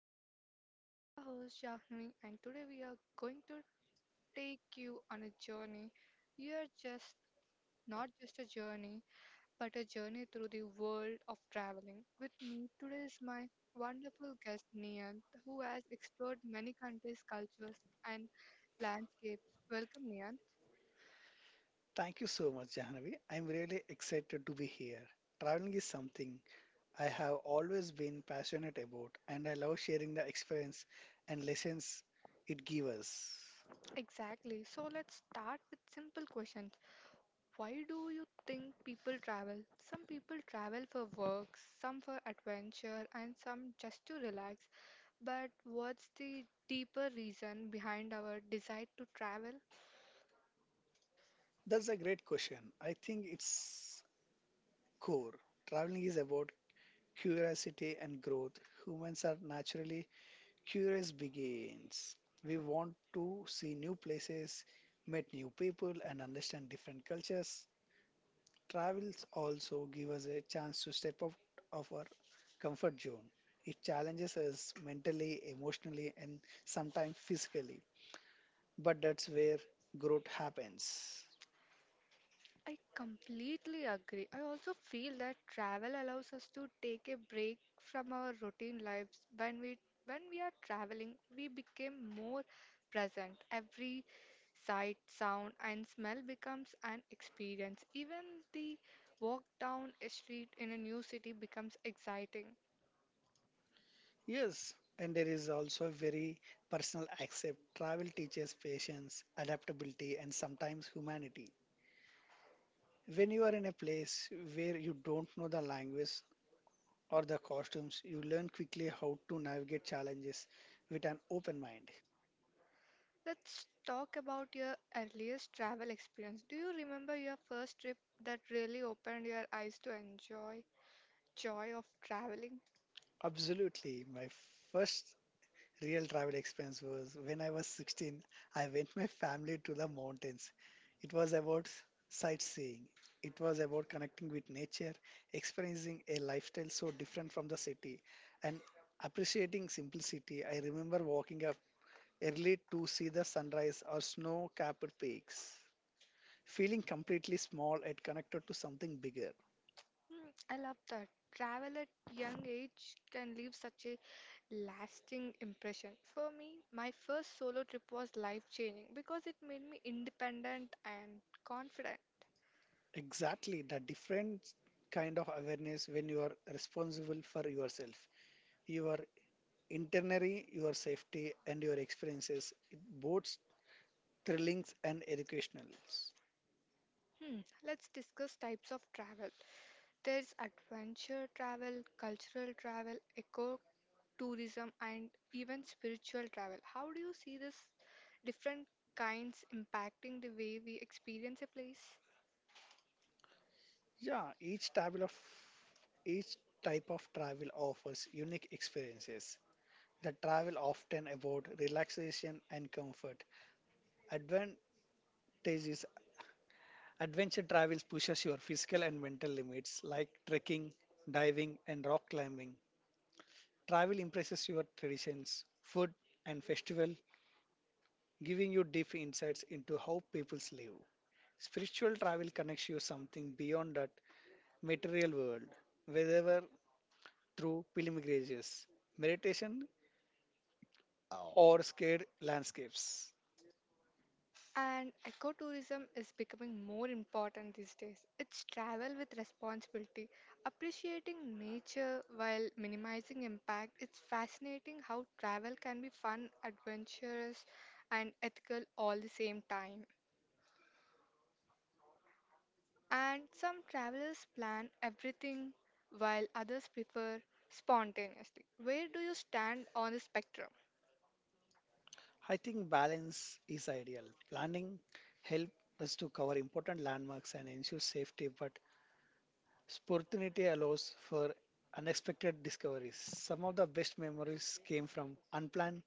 our podcast. I'm your host Shahni and today we are going to take you on a journey. You are just not just a journey but a journey through the world of traveling. With me today is my wonderful guest Nian who has explored many countries, cultures and landscapes. Welcome Nian. Thank you so much, Jahanavi. I'm really excited to be here. Traveling is something I have always been passionate about, and I love sharing the experience and lessons it gives us. Exactly. So let's start with simple question. Why do you think people travel? Some people travel for work, some for adventure, and some just to relax. But what's the deeper reason behind our desire to travel? That's a great question. I think it's core. Traveling is about curiosity and growth. Humans are naturally curious beings. We want to see new places, meet new people, and understand different cultures. Travels also give us a chance to step out of our comfort zone. It challenges us mentally, emotionally, and sometimes physically. But that's where growth happens. I completely agree. I also feel that travel allows us to take a break from our routine lives. When we are traveling, we become more present. Every sight, sound and smell becomes an experience. Even the walk down a street in a new city becomes exciting. Yes, and there is also a very personal accept. Travel teaches patience, adaptability, and sometimes humanity. When you are in a place where you don't know the language or the costumes, you learn quickly how to navigate challenges with an open mind. Let's talk about your earliest travel experience. Do you remember your first trip that really opened your eyes to enjoy joy of traveling? Absolutely. My first real travel expense was when I was 16. I went my family to the mountains. It was about sightseeing. It was about connecting with nature, experiencing a lifestyle so different from the city, and appreciating simplicity. I remember walking up early to see the sunrise or snow capped peaks, feeling completely small and connected to something bigger. I love that. Travel at young age can leave such a lasting impression. For me, my first solo trip was life-changing because it made me independent and confident. Exactly, the different kind of awareness when you are responsible for yourself, your internally, your safety, and your experiences, it both thrilling and educational. Hmm, let's discuss types of travel. There's adventure travel, cultural travel, eco tourism, and even spiritual travel. How do you see these different kinds impacting the way we experience a place? Yeah, each type of travel offers unique experiences. The travel often about relaxation and comfort. Advantages adventure travels pushes your physical and mental limits like trekking, diving, and rock climbing. Travel impresses your traditions, food, and festival, giving you deep insights into how peoples live. Spiritual travel connects you something beyond that material world, whether through pilgrimages, meditation, or scared landscapes. And ecotourism is becoming more important these days. It's travel with responsibility, appreciating nature while minimizing impact. It's fascinating how travel can be fun, adventurous, and ethical all the same time. And some travelers plan everything while others prefer spontaneously. Where do you stand on the spectrum? I think balance is ideal. Planning helps us to cover important landmarks and ensure safety, but spontaneity allows for unexpected discoveries. Some of the best memories came from unplanned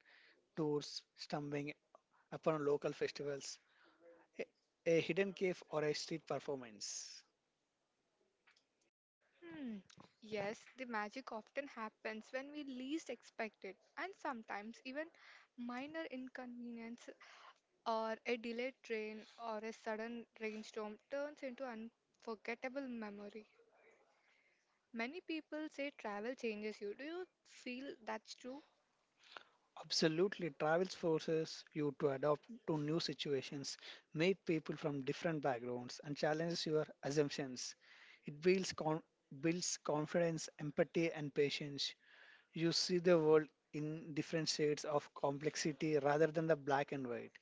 tours, stumbling upon local festivals, a, a hidden cave, or a street performance. Hmm. Yes, the magic often happens when we least expect it, and sometimes even minor inconvenience or a delayed train or a sudden rainstorm turns into unforgettable memory. Many people say travel changes you. Do you feel that's true? Absolutely, travel forces you to adapt to new situations, meet people from different backgrounds, and challenges your assumptions. It builds confidence, empathy, and patience. You see the world in different shades of complexity rather than the black and white.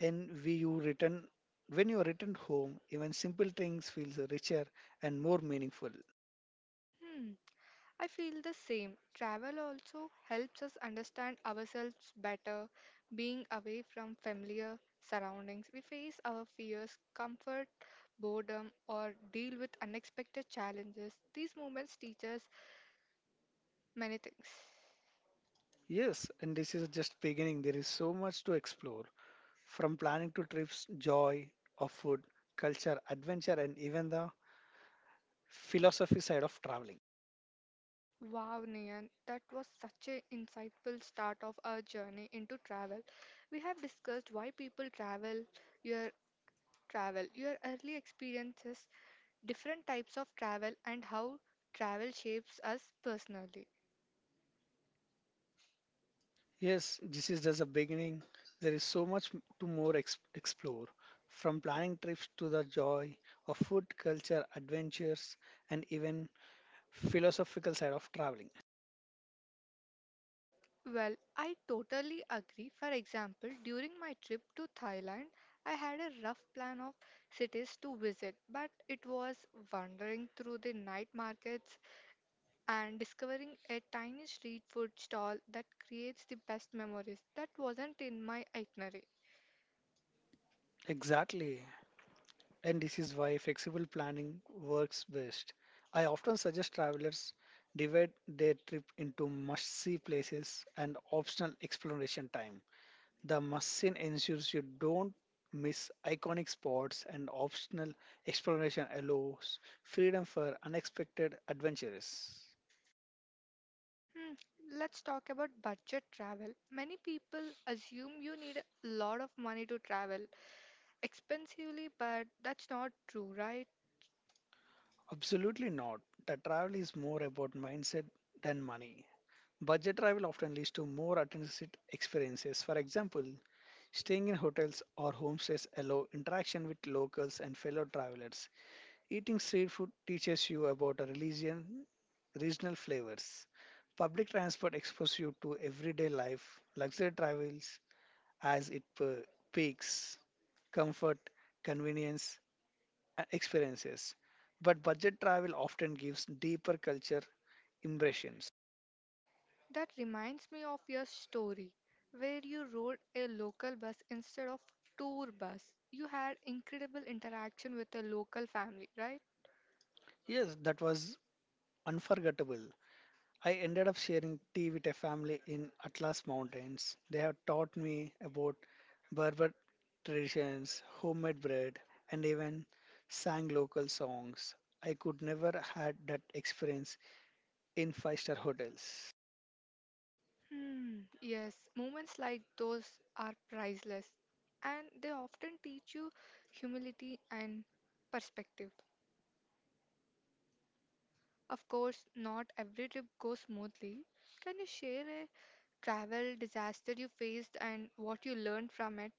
And we you return When you return home, even simple things feels richer and more meaningful. Hmm. I feel the same. Travel also helps us understand ourselves better. Being away from familiar surroundings, we face our fears, comfort, boredom, or deal with unexpected challenges. These moments teach us many things. Yes, and this is just beginning. There is so much to explore from planning to trips, joy of food, culture, adventure, and even the philosophy side of traveling. Wow, Nian, that was such an insightful start of our journey into travel. We have discussed why people your travel, your early experiences, different types of travel and how travel shapes us personally. Yes, this is just a beginning. There is so much to more explore from planning trips to the joy of food, culture, adventures, and even philosophical side of traveling. Well, I totally agree. For example, during my trip to Thailand, I had a rough plan of cities to visit, but it was wandering through the night markets and discovering a tiny street food stall that creates the best memories. That wasn't in my itinerary. Exactly, and this is why flexible planning works best. I often suggest travelers divide their trip into must see places and optional exploration time. The must see ensures you don't miss iconic spots, and optional exploration allows freedom for unexpected adventures. Hmm, Let's talk about budget travel. Many people assume you need a lot of money to travel expensively, but that's not true, right? Absolutely not. The travel is more about mindset than money. Budget travel often leads to more authentic experiences. For example, staying in hotels or homestays allow interaction with locals and fellow travelers. Eating street food teaches you about a religion, regional flavors. Public transport exposes you to everyday life, luxury travels as it peaks, comfort, convenience, and experiences. But budget travel often gives deeper culture impressions. That reminds me of your story where you rode a local bus instead of tour bus. You had incredible interaction with a local family, right? Yes, that was unforgettable. I ended up sharing tea with a family in Atlas Mountains. They have taught me about Berber traditions, homemade bread, and even sang local songs. I could never had that experience in five-star hotels. Yes, moments like those are priceless and they often teach you humility and perspective. Of course, not every trip goes smoothly. Can you share a travel disaster you faced and what you learned from it?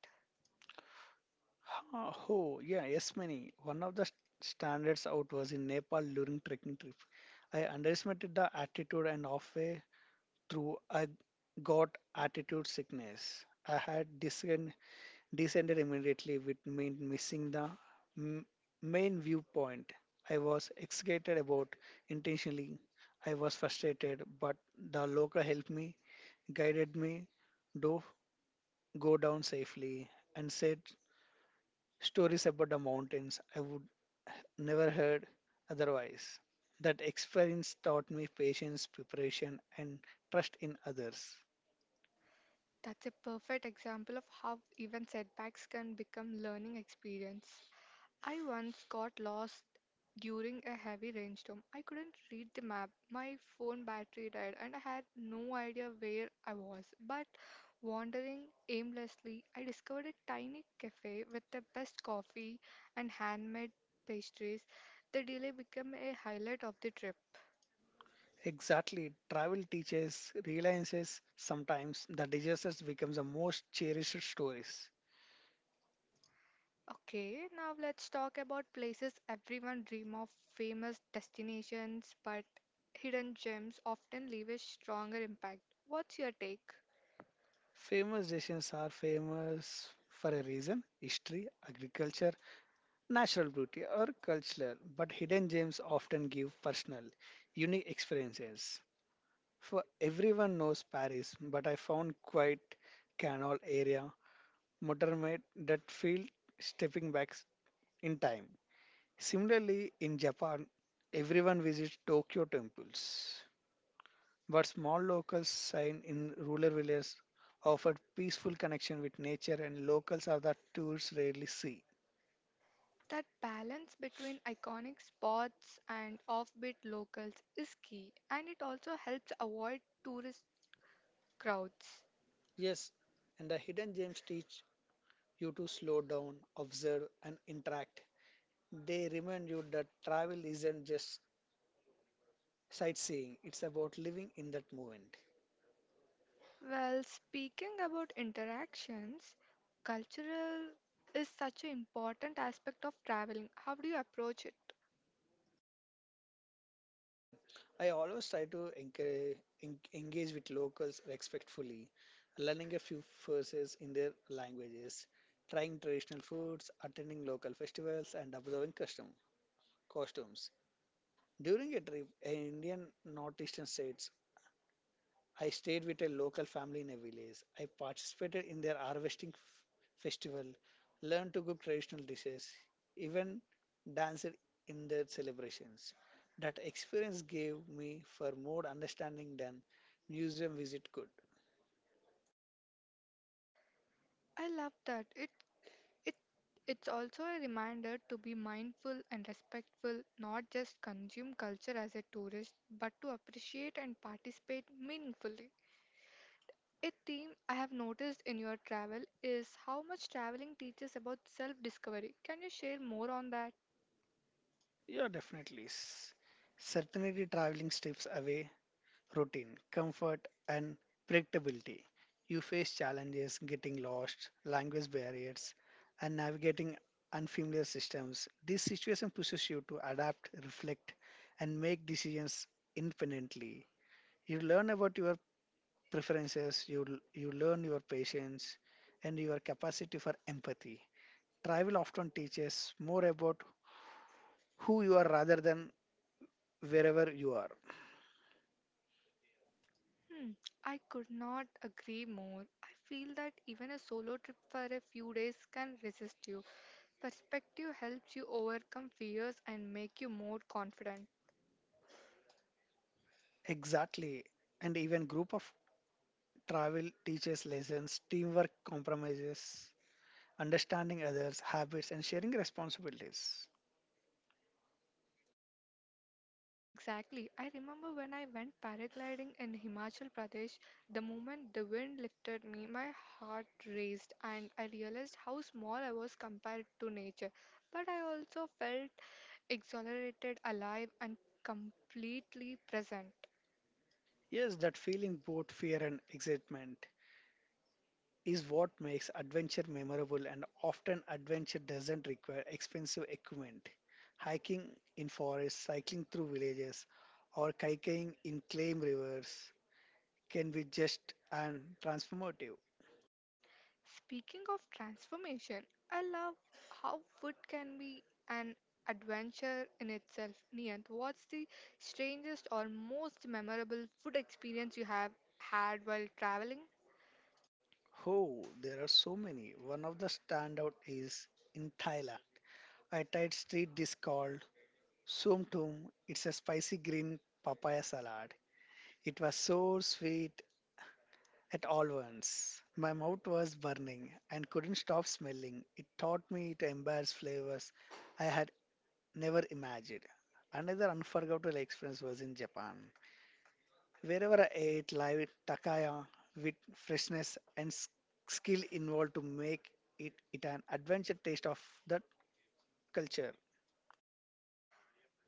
Ah, oh, yeah, yes, many. One of the st- Standards out was in Nepal during trekking trip. I underestimated the altitude and halfway through I got altitude sickness. I had disc descended immediately with me missing the m- main viewpoint. I was excited about intentionally. I was frustrated, but the local helped me, guided me do go down safely, and said stories about the mountains I would never heard otherwise. That experience taught me patience, preparation, and trust in others. That's a perfect example of how even setbacks can become learning experience. I once got lost during a heavy rainstorm. I couldn't read the map. My phone battery died and I had no idea where I was. But wandering aimlessly, I discovered a tiny cafe with the best coffee and handmade pastries. The delay became a highlight of the trip. Exactly. Travel teaches, realizes sometimes the disasters becomes the most cherished stories. Okay, now let's talk about places everyone dream of, famous destinations, but hidden gems often leave a stronger impact. What's your take? Famous nations are famous for a reason history, agriculture, natural beauty, or cultural, but hidden gems often give personal, unique experiences. For everyone knows Paris, but I found quite canal area, Montmartre that feel stepping back in time. Similarly, in Japan, everyone visits Tokyo temples, but small locals sign in rural villages offer peaceful connection with nature and locals are that tourists rarely see. That balance between iconic spots and offbeat locals is key, and it also helps avoid tourist crowds. Yes, and the hidden gems teach you to slow down, observe, and interact. They remind you that travel isn't just sightseeing, it's about living in that moment. Well, speaking about interactions, cultural is such an important aspect of traveling. How do you approach it? Mm. I always try to encourage, engage with locals respectfully, learning a few phrases in their languages, trying traditional foods, attending local festivals, and observing custom costumes. During a trip in Indian northeastern states, I stayed with a local family in a village. I participated in their harvesting festival, learned to cook traditional dishes, even danced in their celebrations. That experience gave me far more understanding than museum visit could. I love that. It it's also a reminder to be mindful and respectful, not just consume culture as a tourist, but to appreciate and participate meaningfully. A theme I have noticed in your travel is how much traveling teaches about self-discovery. Can you share more on that? Yeah, definitely. Certainly, traveling steps away routine, comfort, and predictability. You face challenges getting lost, language barriers, and navigating unfamiliar systems. This situation pushes you to adapt, reflect, and make decisions independently. You learn about your preferences, you learn your patience, and your capacity for empathy. Travel often teaches more about who you are rather than wherever you are. Hmm, I could not agree more. I feel that even a solo trip for a few days can resist you. Perspective helps you overcome fears and make you more confident. Exactly. And even group of travel teaches lessons, teamwork compromises, understanding others' habits, and sharing responsibilities. Exactly. I remember when I went paragliding in Himachal Pradesh, the moment the wind lifted me, my heart raced and I realized how small I was compared to nature. But I also felt exhilarated, alive, and completely present. Yes, that feeling, both fear and excitement, is what makes adventure memorable, and often adventure doesn't require expensive equipment. Hiking in forests, cycling through villages, or kayaking in claim rivers can be just and transformative. Speaking of transformation, I love how food can be an adventure in itself. Niyant, what's the strangest or most memorable food experience you have had while traveling? Oh, there are so many. One of the standout is in Thailand I tried street dish called Sum Tum. It's a spicy green papaya salad. It was so sweet at all once. My mouth was burning and couldn't stop smelling. It taught me to embrace flavors I had never imagined. Another unforgettable experience was in Japan. Wherever I ate live takaya with freshness and skill involved to make it, it an adventure taste of that culture.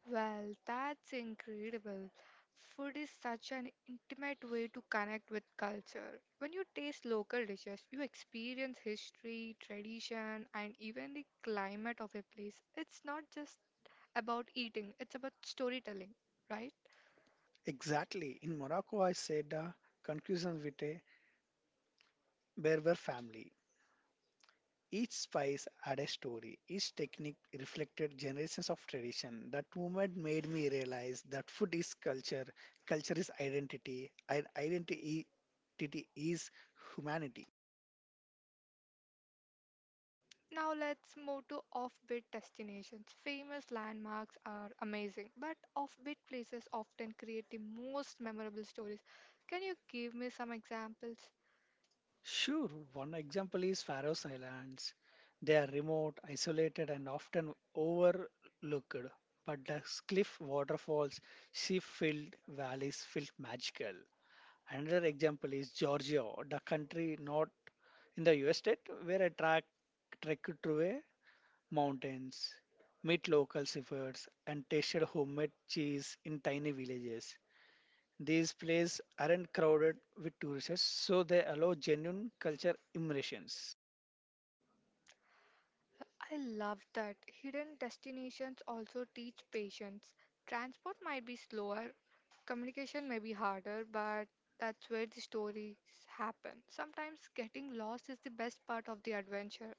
Well, that's incredible. Food is such an intimate way to connect with culture. When you taste local dishes, you experience history, tradition, and even the climate of a place. It's not just about eating, it's about storytelling, right? Exactly. In Morocco, I said conclusions with a Berber family. Each spice had a story. Each technique reflected generations of tradition. That moment made me realize that food is culture, culture is identity, and identity is humanity. Now let's move to offbeat destinations. Famous landmarks are amazing, but offbeat places often create the most memorable stories. Can you give me some examples? Sure, one example is Faroe Islands. They are remote, isolated, and often overlooked. But the cliff waterfalls, sheep filled valleys felt magical. Another example is Georgia, the country not in the US state where I track trek through a mountains, meet local shepherds, and tasted homemade cheese in tiny villages. These places aren't crowded with tourists, so they allow genuine culture immersions. I love that. Hidden destinations also teach patience. Transport might be slower, communication may be harder, but that's where the stories happen. Sometimes getting lost is the best part of the adventure.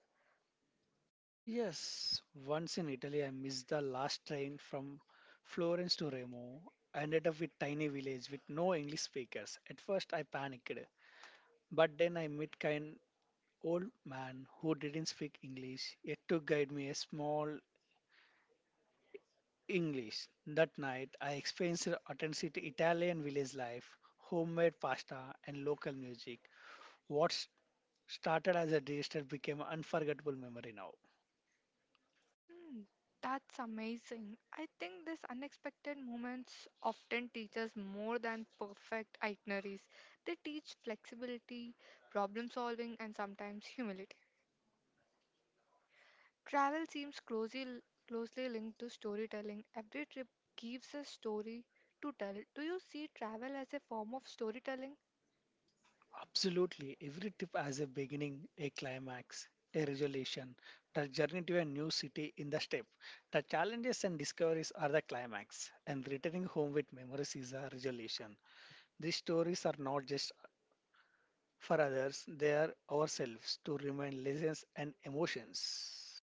Yes, once in Italy, I missed the last train from Florence to Remo. I ended up with tiny village with no English speakers. At first, I panicked, but then I met kind old man who didn't speak English, yet to guide me a small English. That night, I experienced authentic Italian village life, homemade pasta, and local music. What started as a dish that became an unforgettable memory now. Hmm. That's amazing. I think these unexpected moments often teach us more than perfect itineraries. They teach flexibility, problem solving, and sometimes humility. Travel seems closely linked to storytelling. Every trip gives a story to tell. Do you see travel as a form of storytelling? Absolutely, every trip has a beginning, a climax, a resolution. The journey to a new city in the step. The challenges and discoveries are the climax, and returning home with memories is a resolution. These stories are not just for others, they are ourselves to remind lessons and emotions.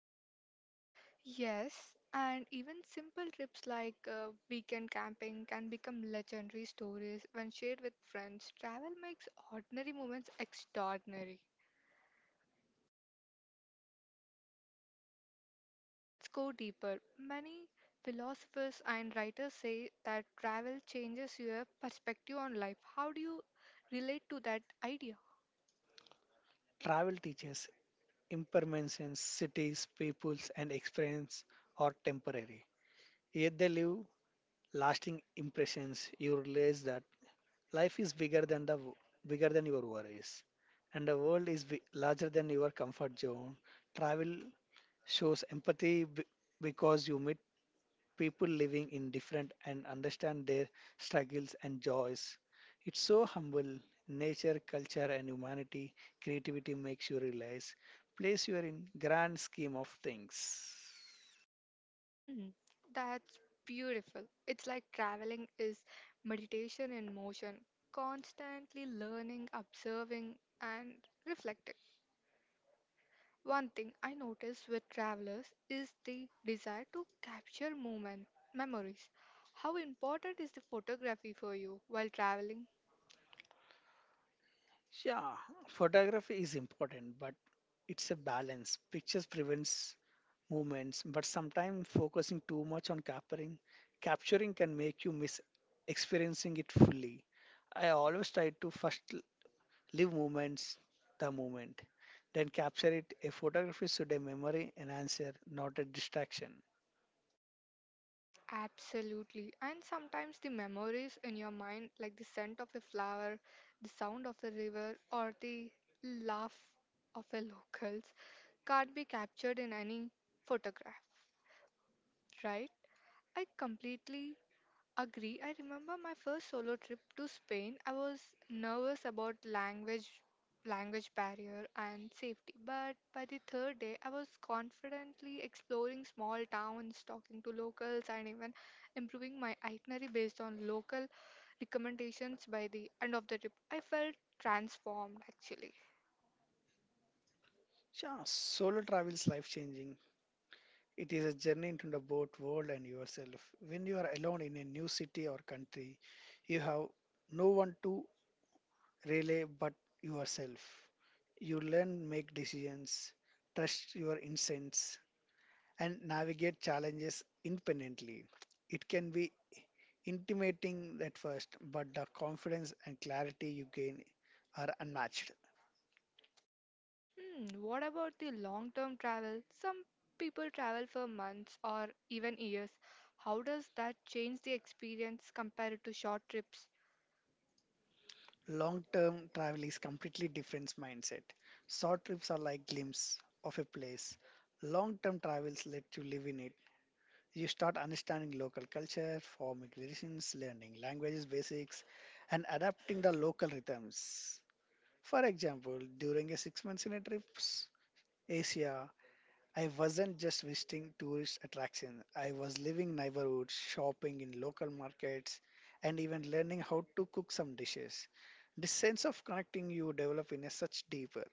Yes, and even simple trips like weekend camping can become legendary stories when shared with friends. Travel makes ordinary moments extraordinary. Let's go deeper. Many philosophers and writers say that travel changes your perspective on life. How do you relate to that idea? Travel teaches impermanence, cities, peoples, and experience are temporary. Yet they leave lasting impressions. You realize that life is bigger than your worries, and the world is larger than your comfort zone. Travel shows empathy because you meet people living in different and understand their struggles and joys. It's so humble. Nature, culture, and humanity, creativity makes you realize place you are in grand scheme of things. Hmm, that's beautiful. It's like traveling is meditation in motion, constantly learning, observing, and reflecting. One thing I notice with travelers is the desire to capture moment memories. How important is the photography for you while traveling? Yeah, photography is important, but it's a balance. Pictures prevents movements, but sometimes focusing too much on capturing can make you miss experiencing it fully. I always try to first live moments, the moment. Then capture it. A photograph is today memory enhancer, not a distraction. Absolutely. And sometimes the memories in your mind, like the scent of a flower, the sound of the river, or the laugh of the locals, can't be captured in any photograph, right? I completely agree. I remember my first solo trip to Spain. I was nervous about language barrier and safety, but by the third day I was confidently exploring small towns, talking to locals and even improving my itinerary based on local recommendations by the end of the trip. I felt transformed actually. Yeah, solo travel is life changing. It is a journey into the both world and yourself. When you are alone in a new city or country, you have no one to relay but yourself. You learn, make decisions, trust your instincts, and navigate challenges independently. It can be intimidating at first, but the confidence and clarity you gain are unmatched. Hmm, what about the long term travel? Some people travel for months or even years. How does that change the experience compared to short trips? Long term travel is completely different mindset. Short trips are like glimpse of a place. Long term travels let you live in it. You start understanding local culture, forming relations, learning languages basics, and adapting the local rhythms. For example, during a 6 months in a trips, Asia I wasn't just visiting tourist attractions. I was living neighborhoods, shopping in local markets, and even learning how to cook some dishes. This sense of connecting you develop in a such deeper.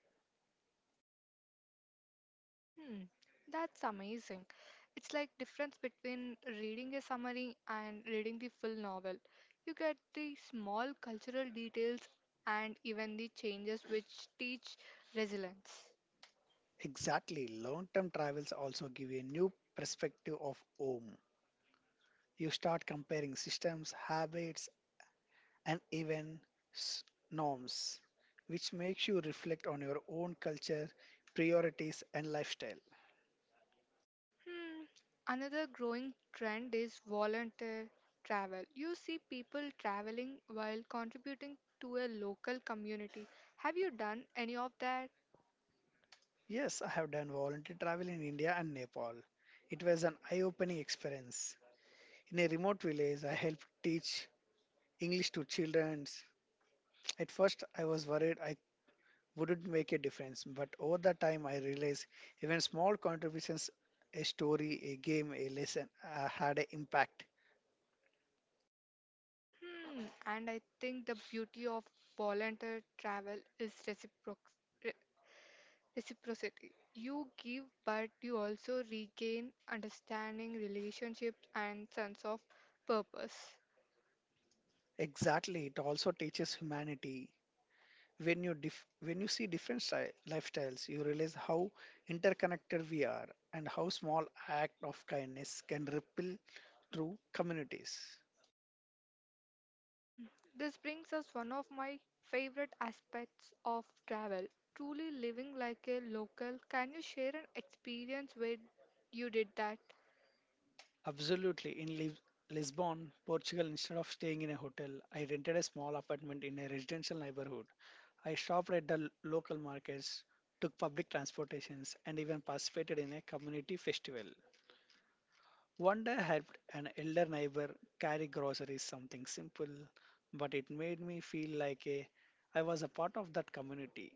Hmm, that's amazing. It's like difference between reading a summary and reading the full novel. You get the small cultural details and even the changes which teach resilience. Exactly, long-term travels also give you a new perspective of home. You start comparing systems, habits, and even s- norms, which makes you reflect on your own culture, priorities, and lifestyle. Hmm. Another growing trend is volunteer travel. You see people traveling while contributing to a local community. Have you done any of that? Yes, I have done voluntary travel in India and Nepal. It was an eye opening experience. In a remote village, I helped teach English to children. At first, I was worried I wouldn't make a difference, but over the time, I realized even small contributions a story, a game, a lesson, had an impact. Hmm. And I think the beauty of volunteer travel is re- reciprocity. You give, but you also regain understanding, relationships, and sense of purpose. Exactly, it also teaches humanity. When you when you see different lifestyles you realize how interconnected we are and how small act of kindness can ripple through communities Hmm, this brings us one of my favorite aspects of travel, truly living like a local. Can you share an experience where you did that? absolutely in Lisbon, Portugal. Instead of staying in a hotel I rented a small apartment in a residential neighborhood. I shopped at the local markets, took public transportations and even participated in a community festival. One day I helped an elder neighbor carry groceries, something simple, but it made me feel like a I was a part of that community,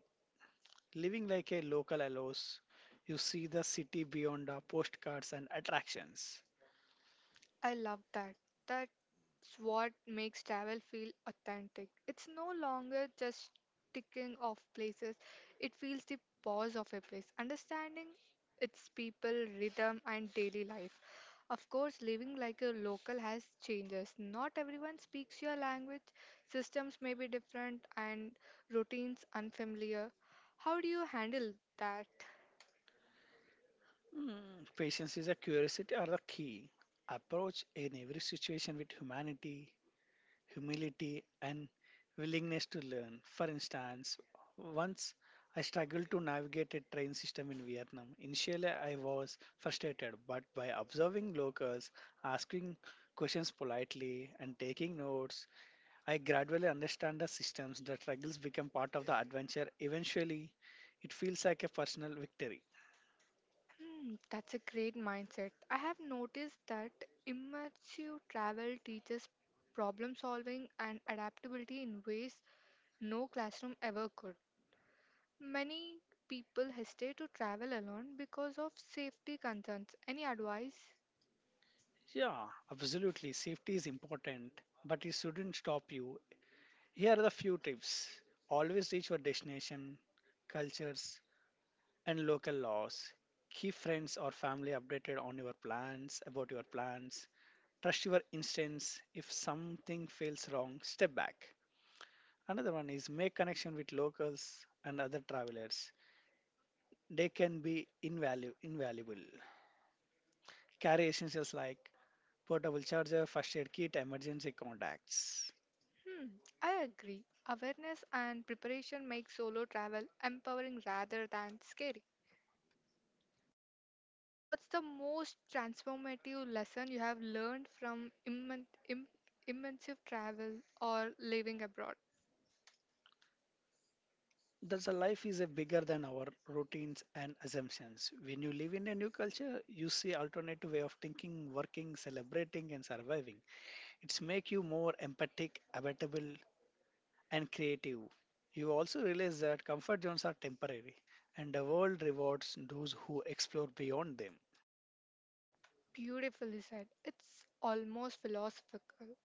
living like a local allows. You see the city beyond the postcards and attractions. I love that. That's what makes travel feel authentic. It's no longer just ticking off places, it feels the pulse of a place, understanding its people, rhythm, and daily life. Of course, living like a local has changes. Not everyone speaks your language, systems may be different, and routines unfamiliar. How do you handle that? Mm, patience is a curiosity are the key. Approach in every situation with humanity, humility, and willingness to learn. For instance, once I struggled to navigate a train system in Vietnam. Initially, I was frustrated, but by observing locals, asking questions politely, and taking notes, I gradually understand the systems. The struggles become part of the adventure. Eventually, it feels like a personal victory. That's a great mindset. I have noticed that immersive travel teaches problem solving and adaptability in ways no classroom ever could. Many people hesitate to travel alone because of safety concerns. Any advice? Yeah, absolutely. Safety is important, but it shouldn't stop you. Here are the few tips. Always reach your destination, cultures, and local laws. Keep friends or family updated on your plans, about your plans. Trust your instincts. If something feels wrong, step back. Another one is make connection with locals and other travelers. They can be invaluable. Carry essentials like portable charger, first aid kit, emergency contacts. Hmm, I agree. Awareness and preparation make solo travel empowering rather than scary. What's the most transformative lesson you have learned from immersive travel or living abroad? Thus, a life is a bigger than our routines and assumptions. When you live in a new culture, you see alternative way of thinking, working, celebrating, and surviving. It's make you more empathic, adaptable, and creative. You also realize that comfort zones are temporary, and the world rewards those who explore beyond them. Beautifully said. It's almost philosophical.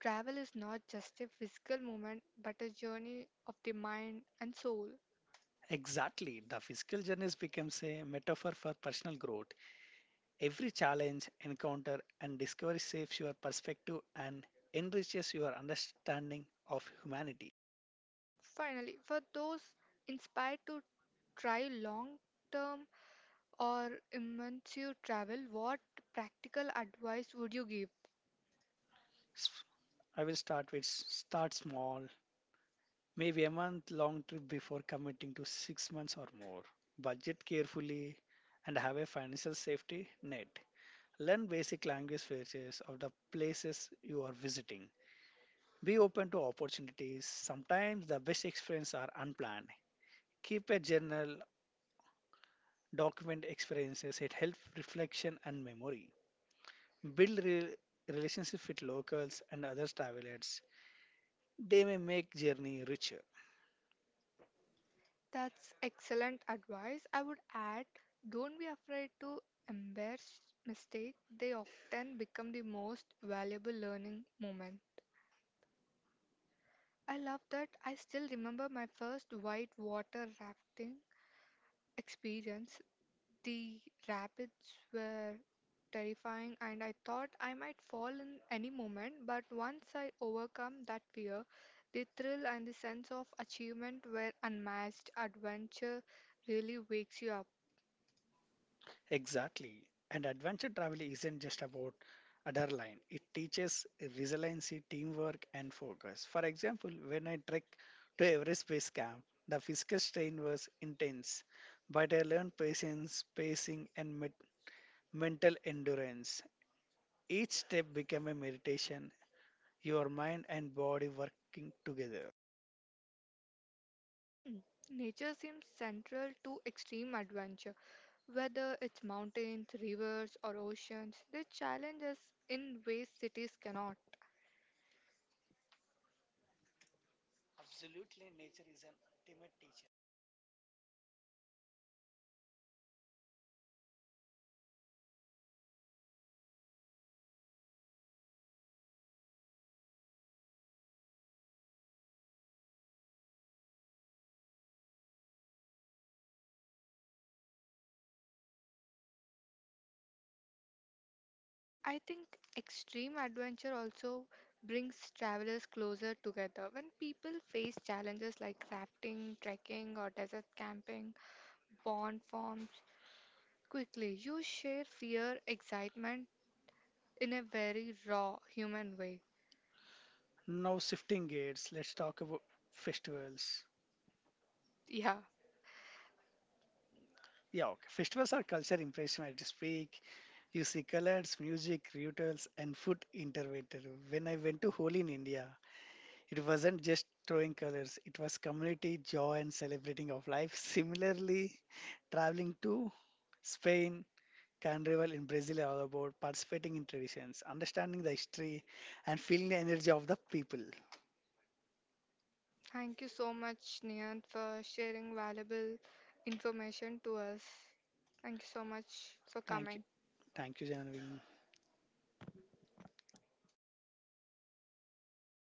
Travel is not just a physical moment, but a journey of the mind and soul. Exactly, the physical journeys becomes a metaphor for personal growth. Every challenge, encounter, and discovery shapes your perspective and enriches your understanding of humanity. Finally, for those inspired to try long term or immense you travel, what practical advice would you give? S- I will start with start small, maybe a month long trip before committing to 6 months or more. Budget carefully and have a financial safety net. Learn basic language features of the places you are visiting. Be open to opportunities. Sometimes the best experiences are unplanned. Keep a journal document experiences. It helps reflection and memory. Build relationships with locals and other travelers. They may make journey richer. That's excellent advice. I would add don't be afraid to embrace mistakes, they often become the most valuable learning moment. I love that I still remember my first white water rafting experience. The rapids were terrifying, and I thought I might fall in any moment. But once I overcome that fear, the thrill and the sense of achievement were unmatched. Adventure really wakes you up. Exactly. And adventure travel isn't just about adrenaline. It teaches resiliency, teamwork, and focus. For example, when I trekked to Everest Base Camp, the physical strain was intense, but I learned patience, pacing, and mental endurance. Each step became a meditation, your mind and body working together. Hmm. Nature seems central to extreme adventure, whether it's mountains, rivers, or oceans. They challenge us in ways cities cannot. I think extreme adventure also brings travelers closer together. When people face challenges like rafting, trekking, or desert camping, bond forms quickly. You share fear, excitement in a very raw human way. Now, shifting gears, let's talk about festivals. Yeah. Yeah, okay. Festivals are culture impression at its peak. You see colors, music, rituals, and food intervened. When I went to Holi in India, it wasn't just throwing colors, it was community, joy, and celebrating of life. Similarly, traveling to Spain, Carnival in Brazil are all about participating in traditions, understanding the history, and feeling the energy of the people. Thank you so much, Niyant, for sharing valuable information to us. Thank you so much for Thank you. coming. Thank you, Janavin.